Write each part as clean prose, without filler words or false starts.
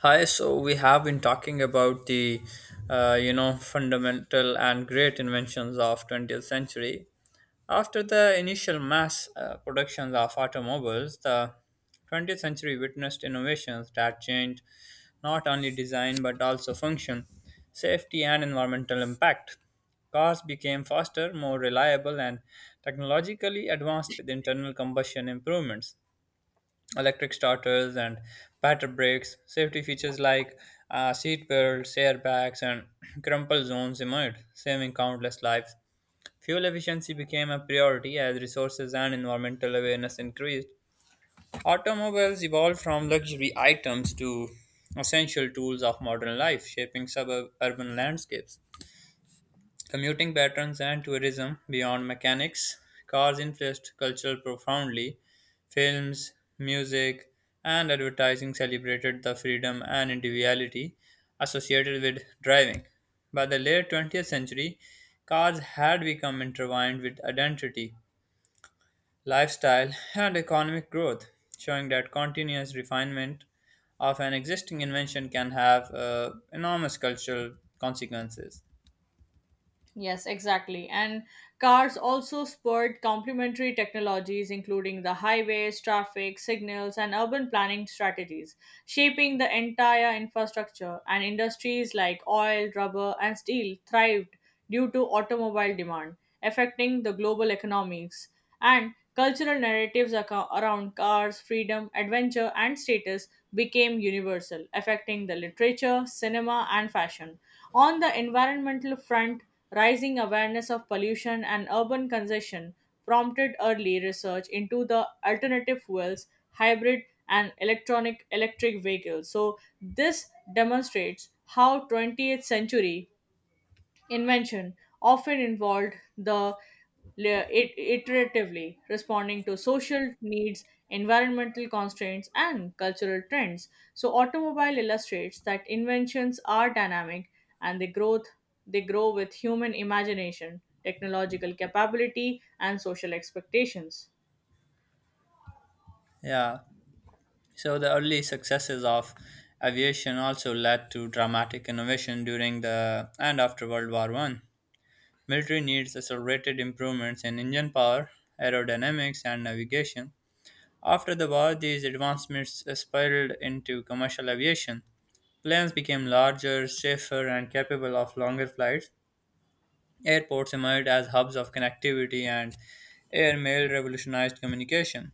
Hi, so we have been talking about the fundamental and great inventions of 20th century. After the initial mass productions of automobiles, the 20th century witnessed innovations that changed not only design but also function, safety, and environmental impact. Cars became faster, more reliable, and technologically advanced with internal combustion improvements, electric starters, and better brakes. Safety features like seat belts, airbags, and crumple zones emerged, saving countless lives. Fuel efficiency became a priority as resources and environmental awareness increased. Automobiles evolved from luxury items to essential tools of modern life, shaping suburban landscapes. Commuting patterns and tourism beyond mechanics, cars influenced culture profoundly. Films, music, and advertising celebrated the freedom and individuality associated with driving. By the late 20th century, cars had become intertwined with identity, lifestyle, and economic growth, showing that continuous refinement of an existing invention can have enormous cultural consequences. Yes, exactly. And cars also spurred complementary technologies, including the highways, traffic, signals, and urban planning strategies, shaping the entire infrastructure. And industries like oil, rubber, and steel thrived due to automobile demand, affecting the global economies and cultural narratives around cars, freedom, adventure, and status became universal, affecting the literature, cinema, and fashion. On the environmental front, rising awareness of pollution and urban congestion prompted early research into the alternative fuels, hybrid, and electronic electric vehicles. So this demonstrates how 20th century invention often involved le- it- iteratively responding to social needs, environmental constraints, and cultural trends. So, automobile illustrates that inventions are dynamic and they grow with human imagination, technological capability, and social expectations. Yeah. So the early successes of aviation also led to dramatic innovation during the and after World War One. Military needs accelerated improvements in engine power, aerodynamics, and navigation. After the war, these advancements spiraled into commercial aviation. Planes became larger, safer, and capable of longer flights. Airports emerged as hubs of connectivity, and airmail revolutionized communication.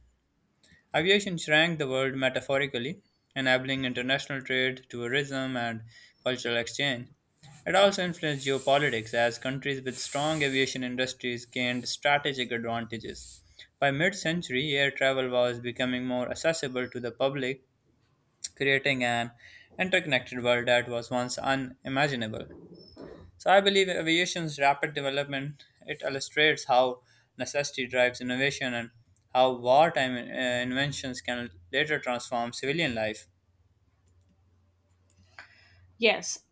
Aviation shrank the world metaphorically, enabling international trade, tourism, and cultural exchange. It also influenced geopolitics as countries with strong aviation industries gained strategic advantages. By mid century, air travel was becoming more accessible to the public, creating an interconnected world that was once unimaginable. So I believe aviation's rapid development it illustrates how necessity drives innovation and how wartime inventions can later transform civilian life. Yes,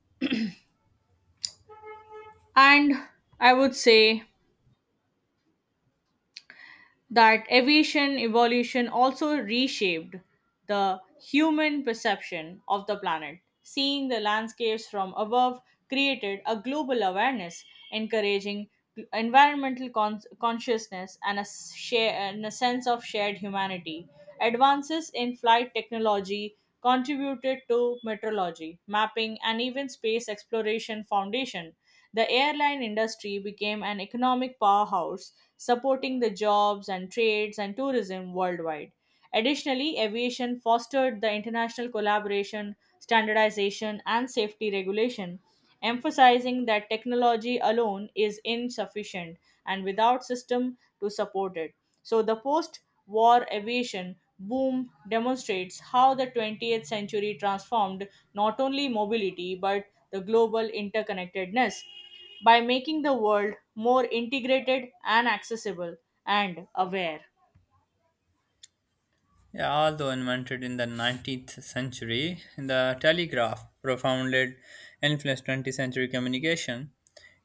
and I would say that aviation evolution also reshaped the human perception of the planet. Seeing the landscapes from above created a global awareness, encouraging environmental consciousness and and a sense of shared humanity. Advances in flight technology contributed to meteorology, mapping, and even space exploration foundation. The airline industry became an economic powerhouse, supporting the jobs and trades and tourism worldwide. Additionally, aviation fostered the international collaboration, standardization, and safety regulation, emphasizing that technology alone is insufficient and without system to support it. So, the post war aviation boom demonstrates how the 20th century transformed not only mobility but the global interconnectedness, by making the world more integrated and accessible and aware. Yeah, although invented in the 19th century, the telegraph profoundly influenced 20th century communication.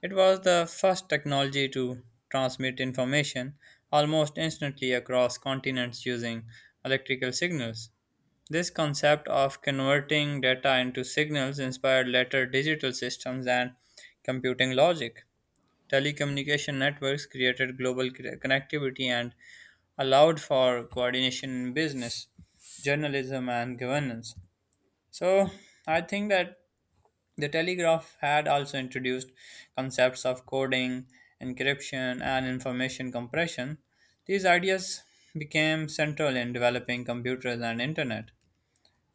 It was the first technology to transmit information almost instantly across continents using electrical signals. This concept of converting data into signals inspired later digital systems and computing logic. Telecommunication networks created global connectivity and allowed for coordination in business, journalism, and governance. So, I think that the telegraph had also introduced concepts of coding, encryption, and information compression. These ideas became central in developing computers and internet.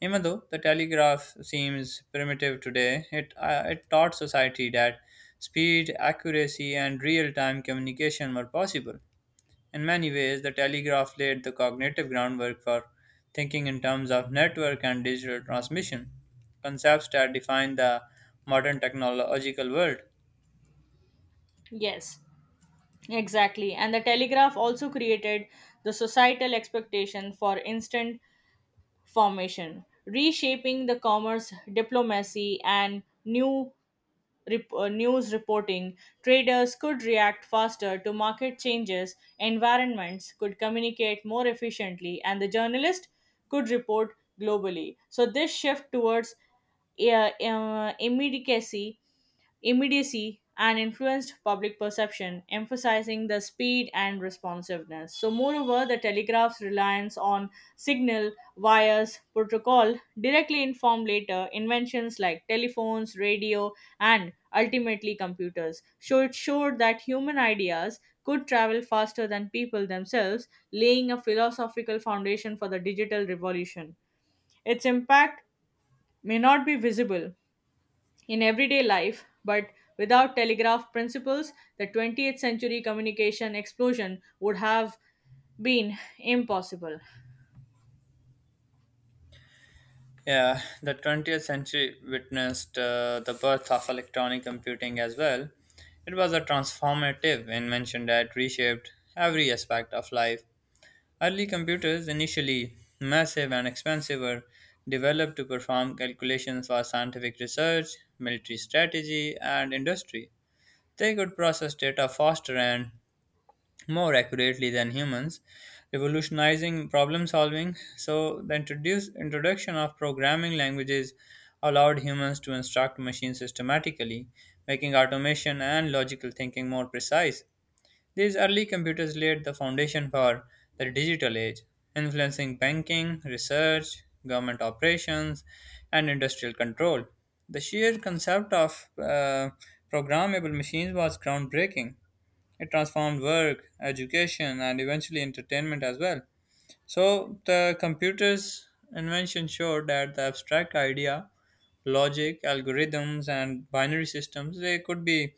Even though the telegraph seems primitive today, it taught society that speed, accuracy, and real time communication were possible. In many ways, the telegraph laid the cognitive groundwork for thinking in terms of network and digital transmission, concepts that define the modern technological world. Yes, exactly. And the telegraph also created the societal expectation for instant formation, reshaping the commerce, diplomacy, and new news reporting. Traders could react faster to market changes, environments could communicate more efficiently, and the journalist could report globally. So, this shift towards uh, uh, immediacy immediacy and influenced public perception, emphasizing the speed and responsiveness. So, moreover, the telegraph's reliance on signal, wires, protocol directly informed later inventions like telephones, radio, and ultimately computers. So, it showed that human ideas could travel faster than people themselves, laying a philosophical foundation for the digital revolution. Its impact may not be visible in everyday life, but without telegraph principles, the 20th century communication explosion would have been impossible. Yeah, the 20th century witnessed the birth of electronic computing as well. It was a transformative invention that reshaped every aspect of life. Early computers, initially massive and expensive, were developed to perform calculations for scientific research, military strategy, and industry. They could process data faster and more accurately than humans, revolutionizing problem solving. So, the introduction of programming languages allowed humans to instruct machines systematically, making automation and logical thinking more precise. These early computers laid the foundation for the digital age, influencing banking, research, government operations, and industrial control. The sheer concept of programmable machines was groundbreaking. It transformed work, education, and eventually entertainment as well. So, the computer's invention showed that the abstract idea, logic, algorithms, and binary systems they could be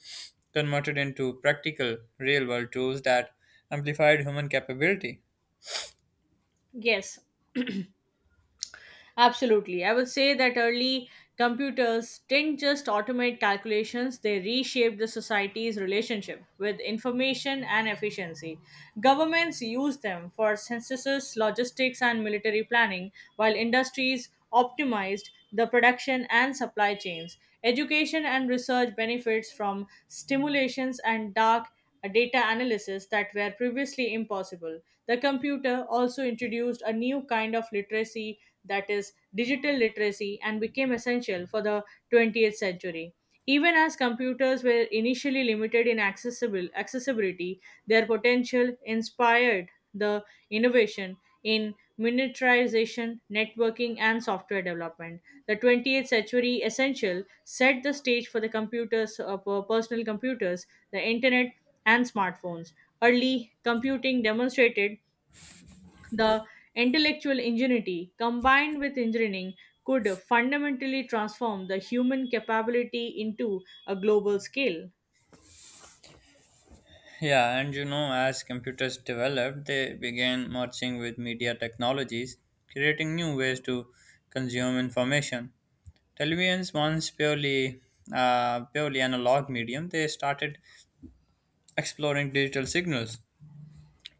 converted into practical, real-world tools that amplified human capability. Yes, absolutely. I would say that early computers didn't just automate calculations, they reshaped the society's relationship with information and efficiency. Governments used them for censuses, logistics, and military planning, while industries optimized the production and supply chains. Education and research benefits from stimulations and dark a data analysis that were previously impossible. The computer also introduced a new kind of literacy, that is digital literacy, and became essential for the 20th century. Even as computers were initially limited in accessible accessibility, their potential inspired the innovation in miniaturization, networking, and software development. The 20th century essential set the stage for the personal computers, the internet, and smartphones. Early computing demonstrated the intellectual ingenuity combined with engineering could fundamentally transform the human capability into a global scale. Yeah, and you know, as computers developed, they began merging with media technologies, creating new ways to consume information. Televisions, once purely analog medium, they started exploring digital signals,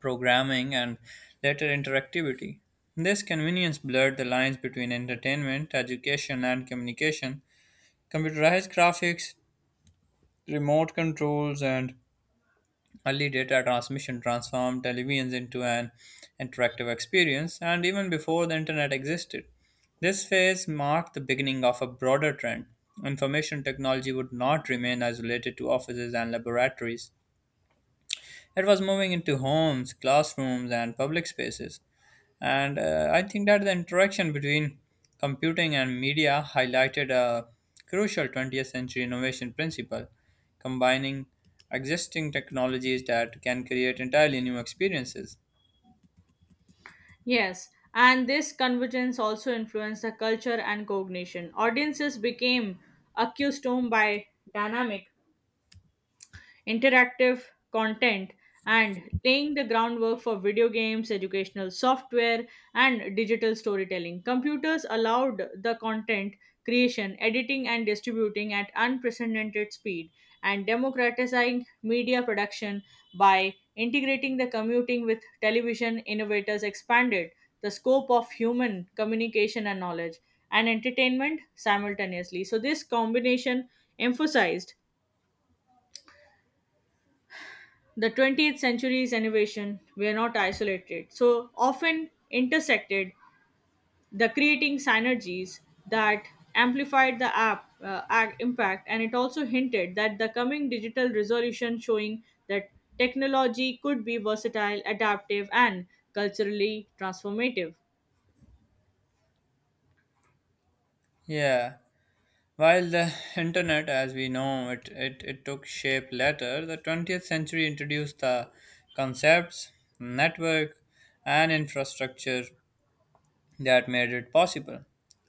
programming, and later interactivity. This convenience blurred the lines between entertainment, education, and communication. Computerized graphics, remote controls, and early data transmission transformed televisions into an interactive experience, and even before the internet existed, this phase marked the beginning of a broader trend. Information technology would not remain isolated to offices and laboratories. It was moving into homes, classrooms, and public spaces. And I think that the interaction between computing and media highlighted a crucial 20th century innovation principle, combining existing technologies that can create entirely new experiences. Yes, and this convergence also influenced the culture and cognition. Audiences became accustomed by dynamic interactive content, and laying the groundwork for video games, educational software, and digital storytelling. Computers allowed the content creation, editing, and distributing at unprecedented speed, and democratizing media production by integrating the commuting with television. Innovators expanded the scope of human communication and knowledge and entertainment simultaneously. So this combination emphasized the 20th century's innovation were not isolated, so often intersected, the creating synergies that amplified the impact, and it also hinted that the coming digital resolution, showing that technology could be versatile, adaptive, and culturally transformative. Yeah, while the internet, as we know, it took shape later, the 20th century introduced the concepts, network, and infrastructure that made it possible.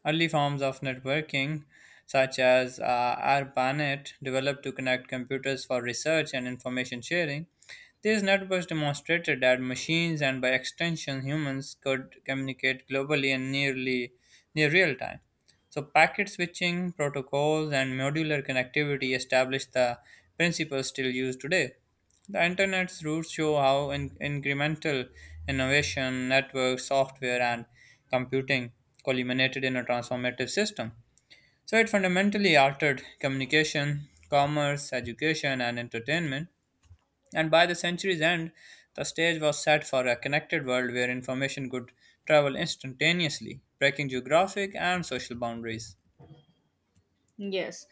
Early forms of networking, such as ARPANET, developed to connect computers for research and information sharing. These networks demonstrated that machines and, by extension, humans could communicate globally in nearly near real time. So, packet switching protocols and modular connectivity established the principles still used today. The internet's roots show how incremental innovation, networks, software, and computing culminated in a transformative system. So it fundamentally altered communication, commerce, education, and entertainment. And by the century's end, the stage was set for a connected world where information could travel instantaneously, breaking geographic and social boundaries. Yes,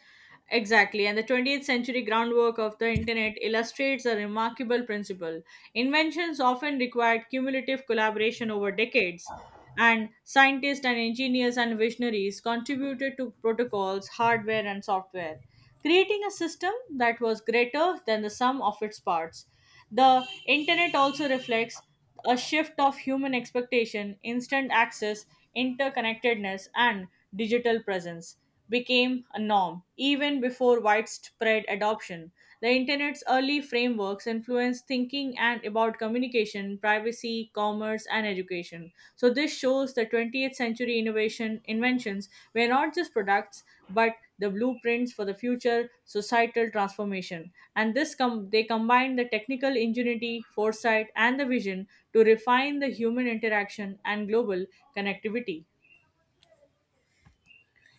exactly. And the 20th century groundwork of the internet illustrates a remarkable principle. Inventions often required cumulative collaboration over decades, and scientists and engineers and visionaries contributed to protocols, hardware, and software, creating a system that was greater than the sum of its parts. The internet also reflects a shift of human expectation. Instant access, interconnectedness, and digital presence became a norm even before widespread adoption. The internet's early frameworks influenced thinking and about communication, privacy, commerce, and education innovation. So this shows the 20th century innovation inventions were not just products but the blueprints for the future societal transformation. And they combine the technical ingenuity, foresight and the vision to refine the human interaction and global connectivity.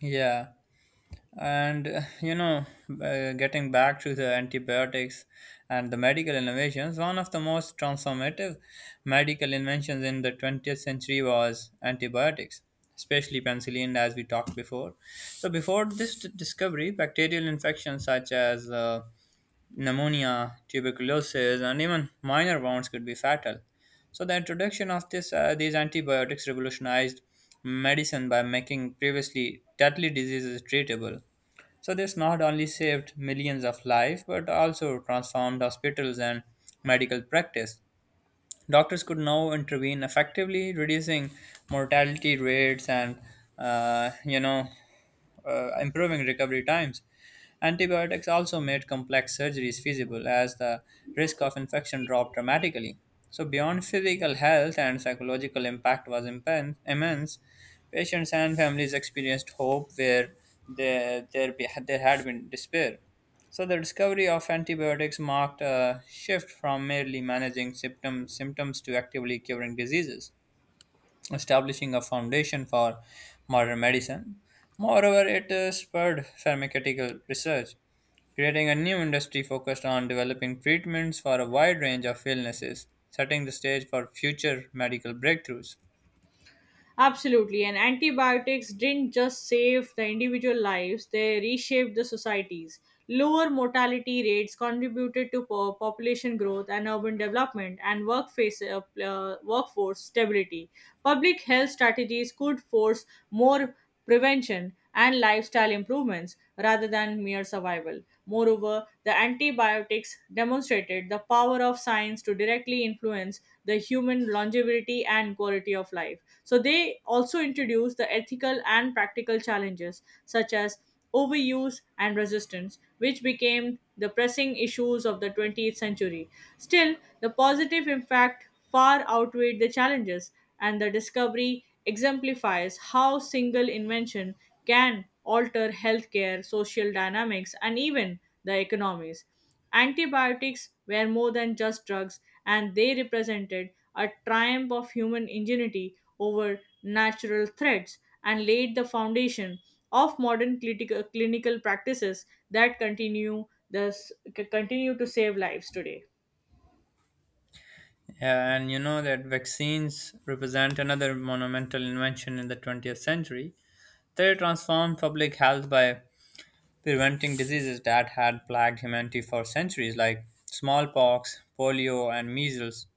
Yeah. And getting back to the antibiotics and the medical innovations, one of the most transformative medical inventions in the 20th century was antibiotics, especially penicillin, as we talked before. So, before this discovery, bacterial infections such as pneumonia, tuberculosis, and even minor wounds could be fatal. So the introduction of this these antibiotics revolutionized medicine by making previously deadly diseases treatable. So this not only saved millions of lives but also transformed hospitals and medical practice. Doctors could now intervene effectively, reducing mortality rates and uh, you know improving recovery times. Antibiotics also made complex surgeries feasible as the risk of infection dropped dramatically. So, beyond physical health and psychological impact was immense, patients and families experienced hope where there had been despair. So the discovery of antibiotics marked a shift from merely managing symptoms to actively curing diseases, establishing a foundation for modern medicine. Moreover, it spurred pharmaceutical research, creating a new industry focused on developing treatments for a wide range of illnesses, setting the stage for future medical breakthroughs. Absolutely. And antibiotics didn't just save the individual lives, they reshaped the societies. Lower mortality rates contributed to population growth and urban development and workforce stability. Public health strategies could force more prevention, and lifestyle improvements rather than mere survival. Moreover, the antibiotics demonstrated the power of science to directly influence the human longevity and quality of life. So, they also introduced the ethical and practical challenges such as overuse and resistance, which became the pressing issues of the 20th century. Still, the positive impact far outweighed the challenges and the discovery exemplifies how single invention can alter healthcare, social dynamics, and even the economies. Antibiotics were more than just drugs, and they represented a triumph of human ingenuity over natural threats and laid the foundation of modern clinical practices that thus, continue to save lives today. Yeah, and you know that vaccines represent another monumental invention in the 20th century. They transformed public health by preventing diseases that had plagued humanity for centuries, like smallpox, polio, and measles.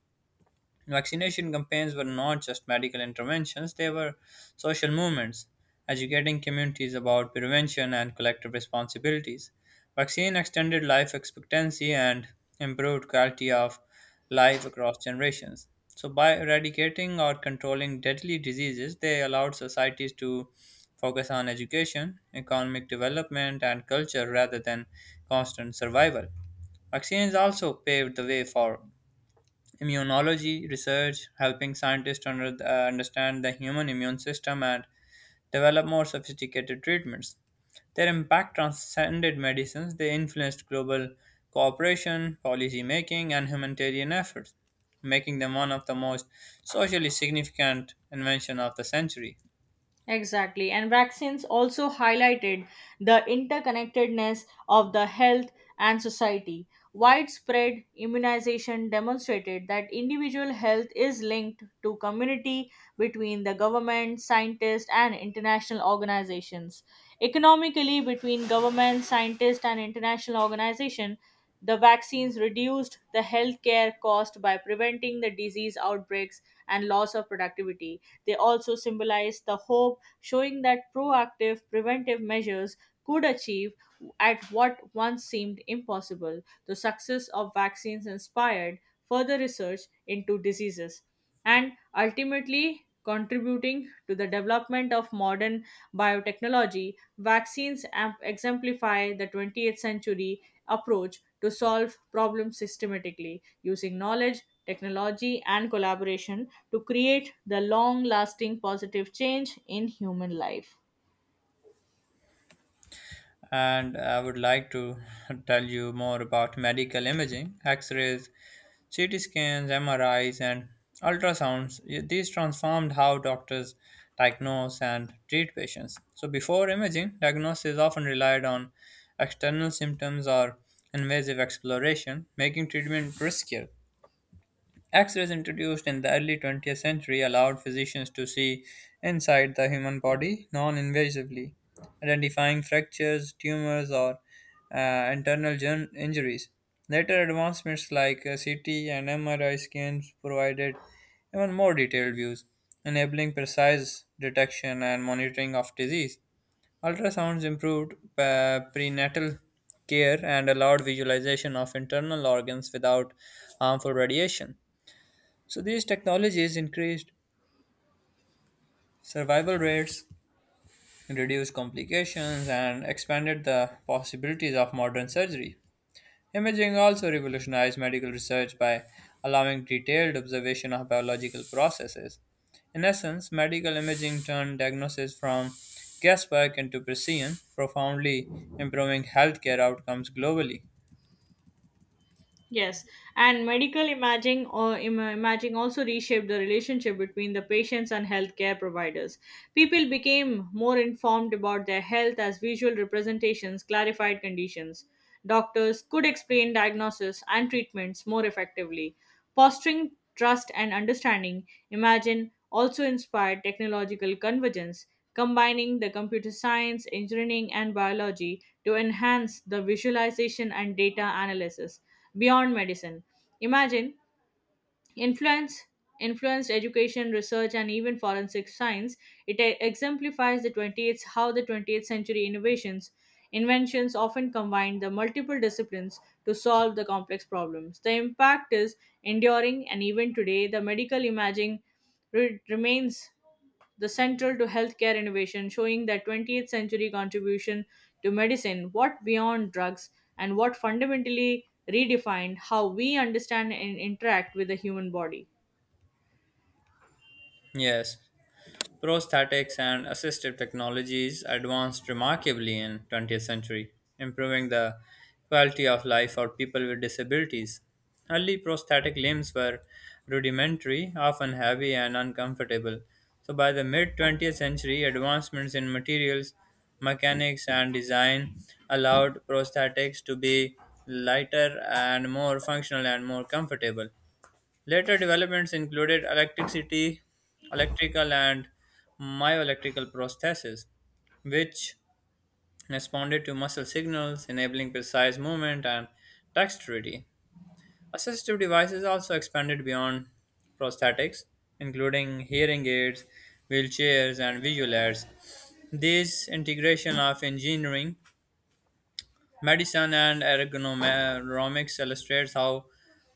Vaccination campaigns were not just medical interventions, they were social movements, educating communities about prevention and collective responsibilities. Vaccine extended life expectancy and improved quality of life across generations. So, by eradicating or controlling deadly diseases, they allowed societies to focus on education, economic development, and culture rather than constant survival. Vaccines also paved the way for immunology research, helping scientists understand the human immune system and develop more sophisticated treatments. Their impact transcended medicines, they influenced global cooperation, policy making, and humanitarian efforts, making them one of the most socially significant inventions of the century. Exactly. And vaccines also highlighted the interconnectedness of the health and society. Widespread immunization demonstrated that individual health is linked to community between the government, scientists, and international organizations. Economically, between government, scientists, and international organization, the vaccines reduced the healthcare cost by preventing the disease outbreaks and loss of productivity. They also symbolize the hope, showing that proactive preventive measures could achieve at what once seemed impossible. The success of vaccines inspired further research into diseases and ultimately contributing to the development of modern biotechnology. Vaccines exemplify the 20th century approach to solve problems systematically using knowledge technology, and collaboration to create the long lasting positive change in human life. And I would like to tell you more about medical imaging, X-rays, CT scans, MRIs, and ultrasounds. These transformed how doctors diagnose and treat patients. So, before imaging, diagnosis often relied on external symptoms or invasive exploration, making treatment riskier. X-rays introduced in the early 20th century allowed physicians to see inside the human body non-invasively, identifying fractures, tumors, or internal injuries. Later advancements like CT and MRI scans provided even more detailed views, enabling precise detection and monitoring of disease. Ultrasounds improved prenatal care and allowed visualization of internal organs without harmful radiation. So these technologies increased survival rates, reduced complications, and expanded the possibilities of modern surgery. Imaging also revolutionized medical research by allowing detailed observation of biological processes. In essence, medical imaging turned diagnosis from guesswork into precision, profoundly improving healthcare outcomes globally. Yes, and medical imaging or im- imaging also reshaped the relationship between the patients and healthcare providers. People became more informed about their health as visual representations clarified conditions. Doctors could explain diagnosis and treatments more effectively, fostering trust and understanding. Imagine also inspired technological convergence, combining the computer science, engineering, and biology to enhance the visualization and data analysis beyond medicine. Imagine Influence Influenced education, research, and even forensic science. It e- exemplifies the 20th how the 20th century innovations inventions often combine the multiple disciplines to solve the complex problems. The impact is enduring, and even today, the medical imaging remains the central to healthcare innovation, showing that 20th century contribution to medicine, what beyond drugs, and what fundamentally redefined how we understand and interact with the human body. Yes, prosthetics and assistive technologies advanced remarkably in 20th century, improving the quality of life for people with disabilities. Early prosthetic limbs were rudimentary, often heavy and uncomfortable. So by the mid 20th century, advancements in materials, mechanics and design allowed prosthetics to be lighter and more functional and more comfortable. Later developments included electricity, electrical and myoelectrical prostheses, which responded to muscle signals, enabling precise movement and dexterity. Assistive devices also expanded beyond prosthetics, including hearing aids, wheelchairs, and visual aids. This integration of engineering, medicine and ergonomics illustrates how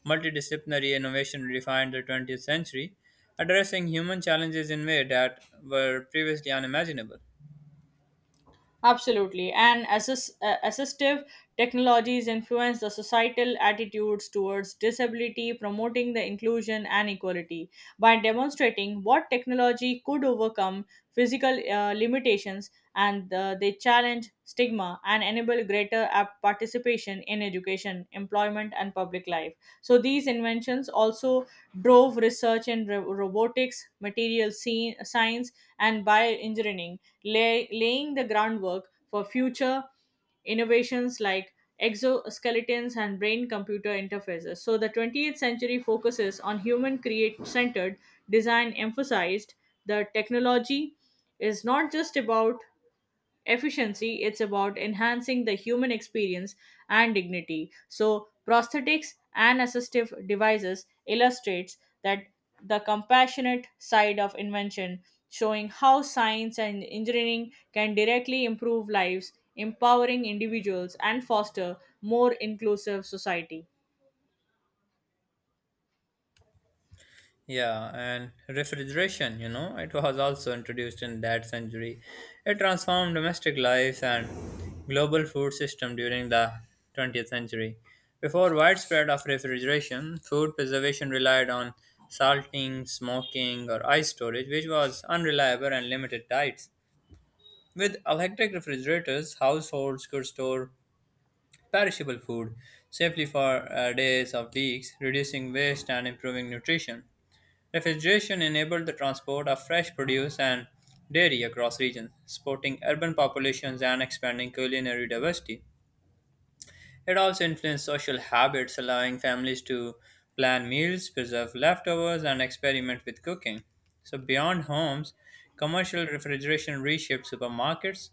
multidisciplinary innovation defined the 20th century, addressing human challenges in ways that were previously unimaginable. Absolutely. And assistive technologies influence the societal attitudes towards disability, promoting the inclusion and equality. By demonstrating what technology could overcome physical limitations, and they challenge stigma and enable greater participation in education, employment, and public life. So, these inventions also drove research in robotics, science, and bioengineering, laying the groundwork for future innovations like exoskeletons and brain computer interfaces. So, the 20th century focuses on human create centered design, emphasized the technology is not just about efficiency, it's about enhancing the human experience and dignity. So prosthetics and assistive devices illustrates that the compassionate side of invention, showing how science and engineering can directly improve lives, empowering individuals and foster more inclusive society. Yeah, and refrigeration, you know, it was also introduced in that century. It transformed domestic lives and global food system during the 20th century. Before widespread of refrigeration, food preservation relied on salting, smoking, or ice storage, which was unreliable and limited diets. With electric refrigerators, households could store perishable food safely for days or weeks, reducing waste and improving nutrition. Refrigeration enabled the transport of fresh produce and dairy across regions, supporting urban populations and expanding culinary diversity. It also influenced social habits, allowing families to plan meals, preserve leftovers, and experiment with cooking. So, beyond homes, commercial refrigeration reshaped supermarkets,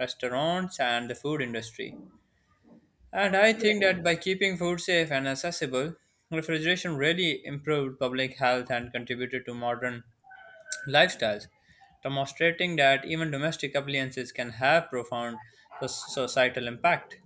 restaurants, and the food industry. And I Yes. think that by keeping food safe and accessible, refrigeration really improved public health and contributed to modern lifestyles, demonstrating that even domestic appliances can have profound so- societal impact.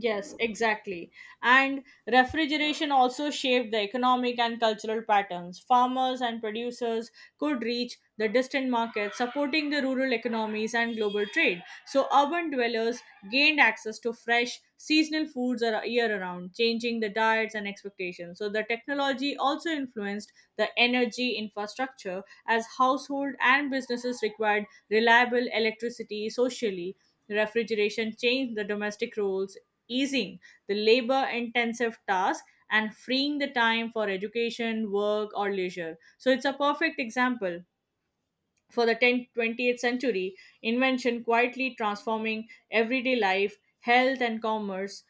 Yes, exactly. And refrigeration also shaped the economic and cultural patterns. Farmers and producers could reach the distant markets, supporting the rural economies and global trade. So urban dwellers gained access to fresh seasonal foods year around, changing the diets and expectations. So the technology also influenced the energy infrastructure as household and businesses required reliable electricity socially. Refrigeration changed the domestic roles, easing the labor intensive task and freeing the time for education, work, or leisure. So it's a perfect example for the 20th century, invention quietly transforming everyday life, health, and commerce.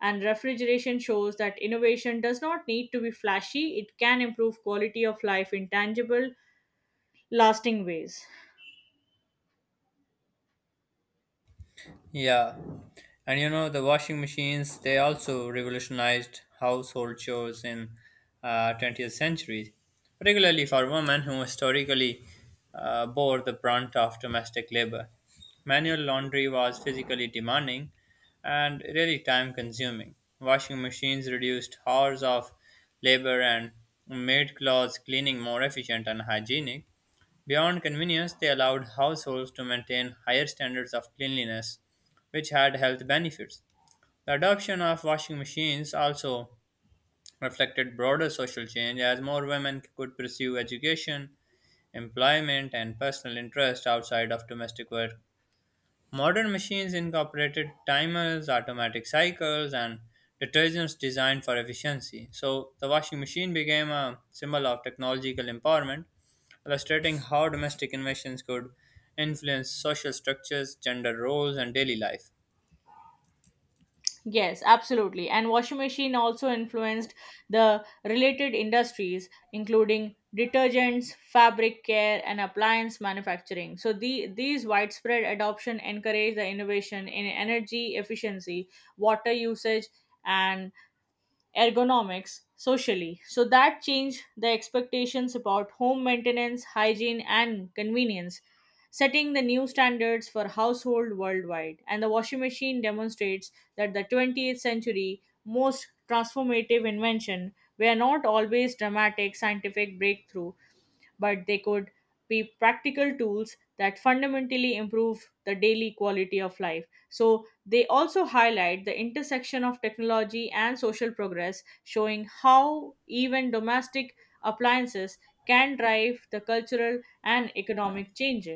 And refrigeration shows that innovation does not need to be flashy, it can improve quality of life in tangible, lasting ways. Yeah. And you know, the washing machines, they also revolutionized household chores in 20th century, particularly for women who historically bore the brunt of domestic labor. Manual laundry was physically demanding and really time consuming. Washing machines reduced hours of labor and made clothes cleaning more efficient and hygienic. Beyond convenience, they allowed households to maintain higher standards of cleanliness, which had health benefits. The adoption of washing machines also reflected broader social change as more women could pursue education, employment, and personal interest outside of domestic work. Modern machines incorporated timers, automatic cycles, and detergents designed for efficiency. So, the washing machine became a symbol of technological empowerment, illustrating how domestic inventions could influence social structures, gender roles, and daily life. Yes, absolutely. And washing machine also influenced the related industries, including detergents, fabric care, and appliance manufacturing. So these widespread adoption encouraged the innovation in energy efficiency, water usage, and ergonomics socially, so that changed the expectations about home maintenance hygiene and convenience, setting the new standards for household worldwide. And the washing machine demonstrates that the 20th century most transformative invention were not always dramatic scientific breakthrough, but they could be practical tools that fundamentally improve the daily quality of life. So, they also highlight the intersection of technology and social progress, showing how even domestic appliances can drive the cultural and economic change.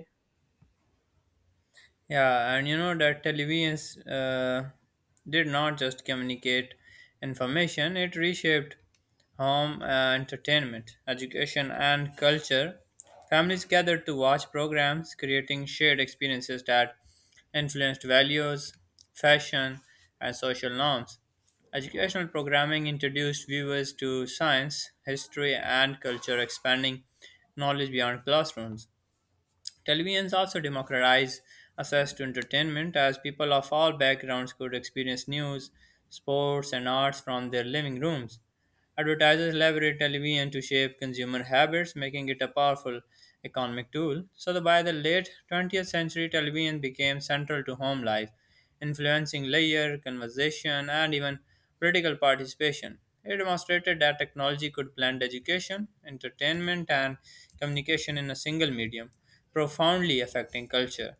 Yeah, and you know that televisions did not just communicate information, it reshaped home, entertainment, education, and culture. Families gathered to watch programs, creating shared experiences that influenced values, fashion, and social norms. Educational programming introduced viewers to science, history, and culture, expanding knowledge beyond classrooms. Televisions also democratized access to entertainment as people of all backgrounds could experience news, sports, and arts from their living rooms. Advertisers leverage television to shape consumer habits, making it a powerful economic tool. So, that by the late 20th century, television became central to home life, influencing layer, conversation, and even political participation. It demonstrated that technology could blend education, entertainment, and communication in a single medium, profoundly affecting culture.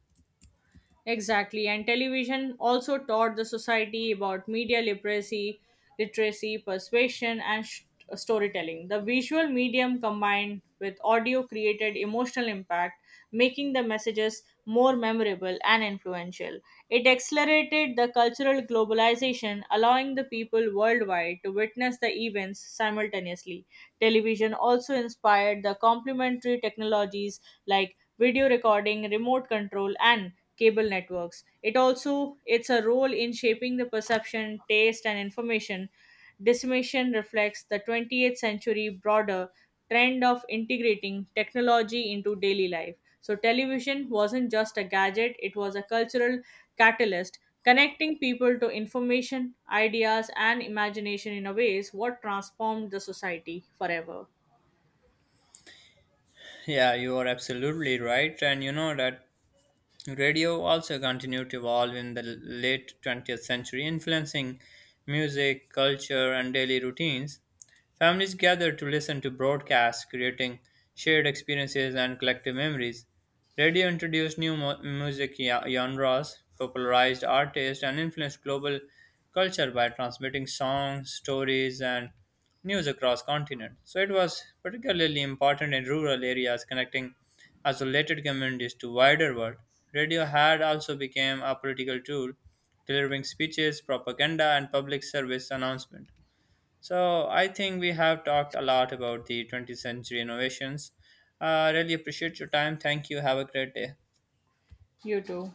Exactly, and television also taught the society about literacy, persuasion, and storytelling. The visual medium combined with audio created emotional impact, making the messages more memorable and influential. It accelerated the cultural globalization, allowing the people worldwide to witness the events simultaneously. Television also inspired the complementary technologies like video recording, remote control, and cable networks. It also it's a role in shaping the perception, taste, and information. Dissemination reflects the 20th century broader trend of integrating technology into daily life. So television wasn't just a gadget; it was a cultural catalyst connecting people to information, ideas, and imagination in a ways what transformed the society forever. Yeah, you are absolutely right. And you know that radio also continued to evolve in the late 20th century, influencing music, culture, and daily routines. Families gather to listen to broadcasts, creating shared experiences and collective memories. Radio introduced new music genres, popularized artists, and influenced global culture by transmitting songs, stories, and news across continents. So it was particularly important in rural areas, connecting isolated communities to wider world. Radio had also become a political tool, delivering speeches, propaganda, and public service announcement. So I think we have talked a lot about the 20th century innovations. I really appreciate your time. Thank you. Have a great day. You too.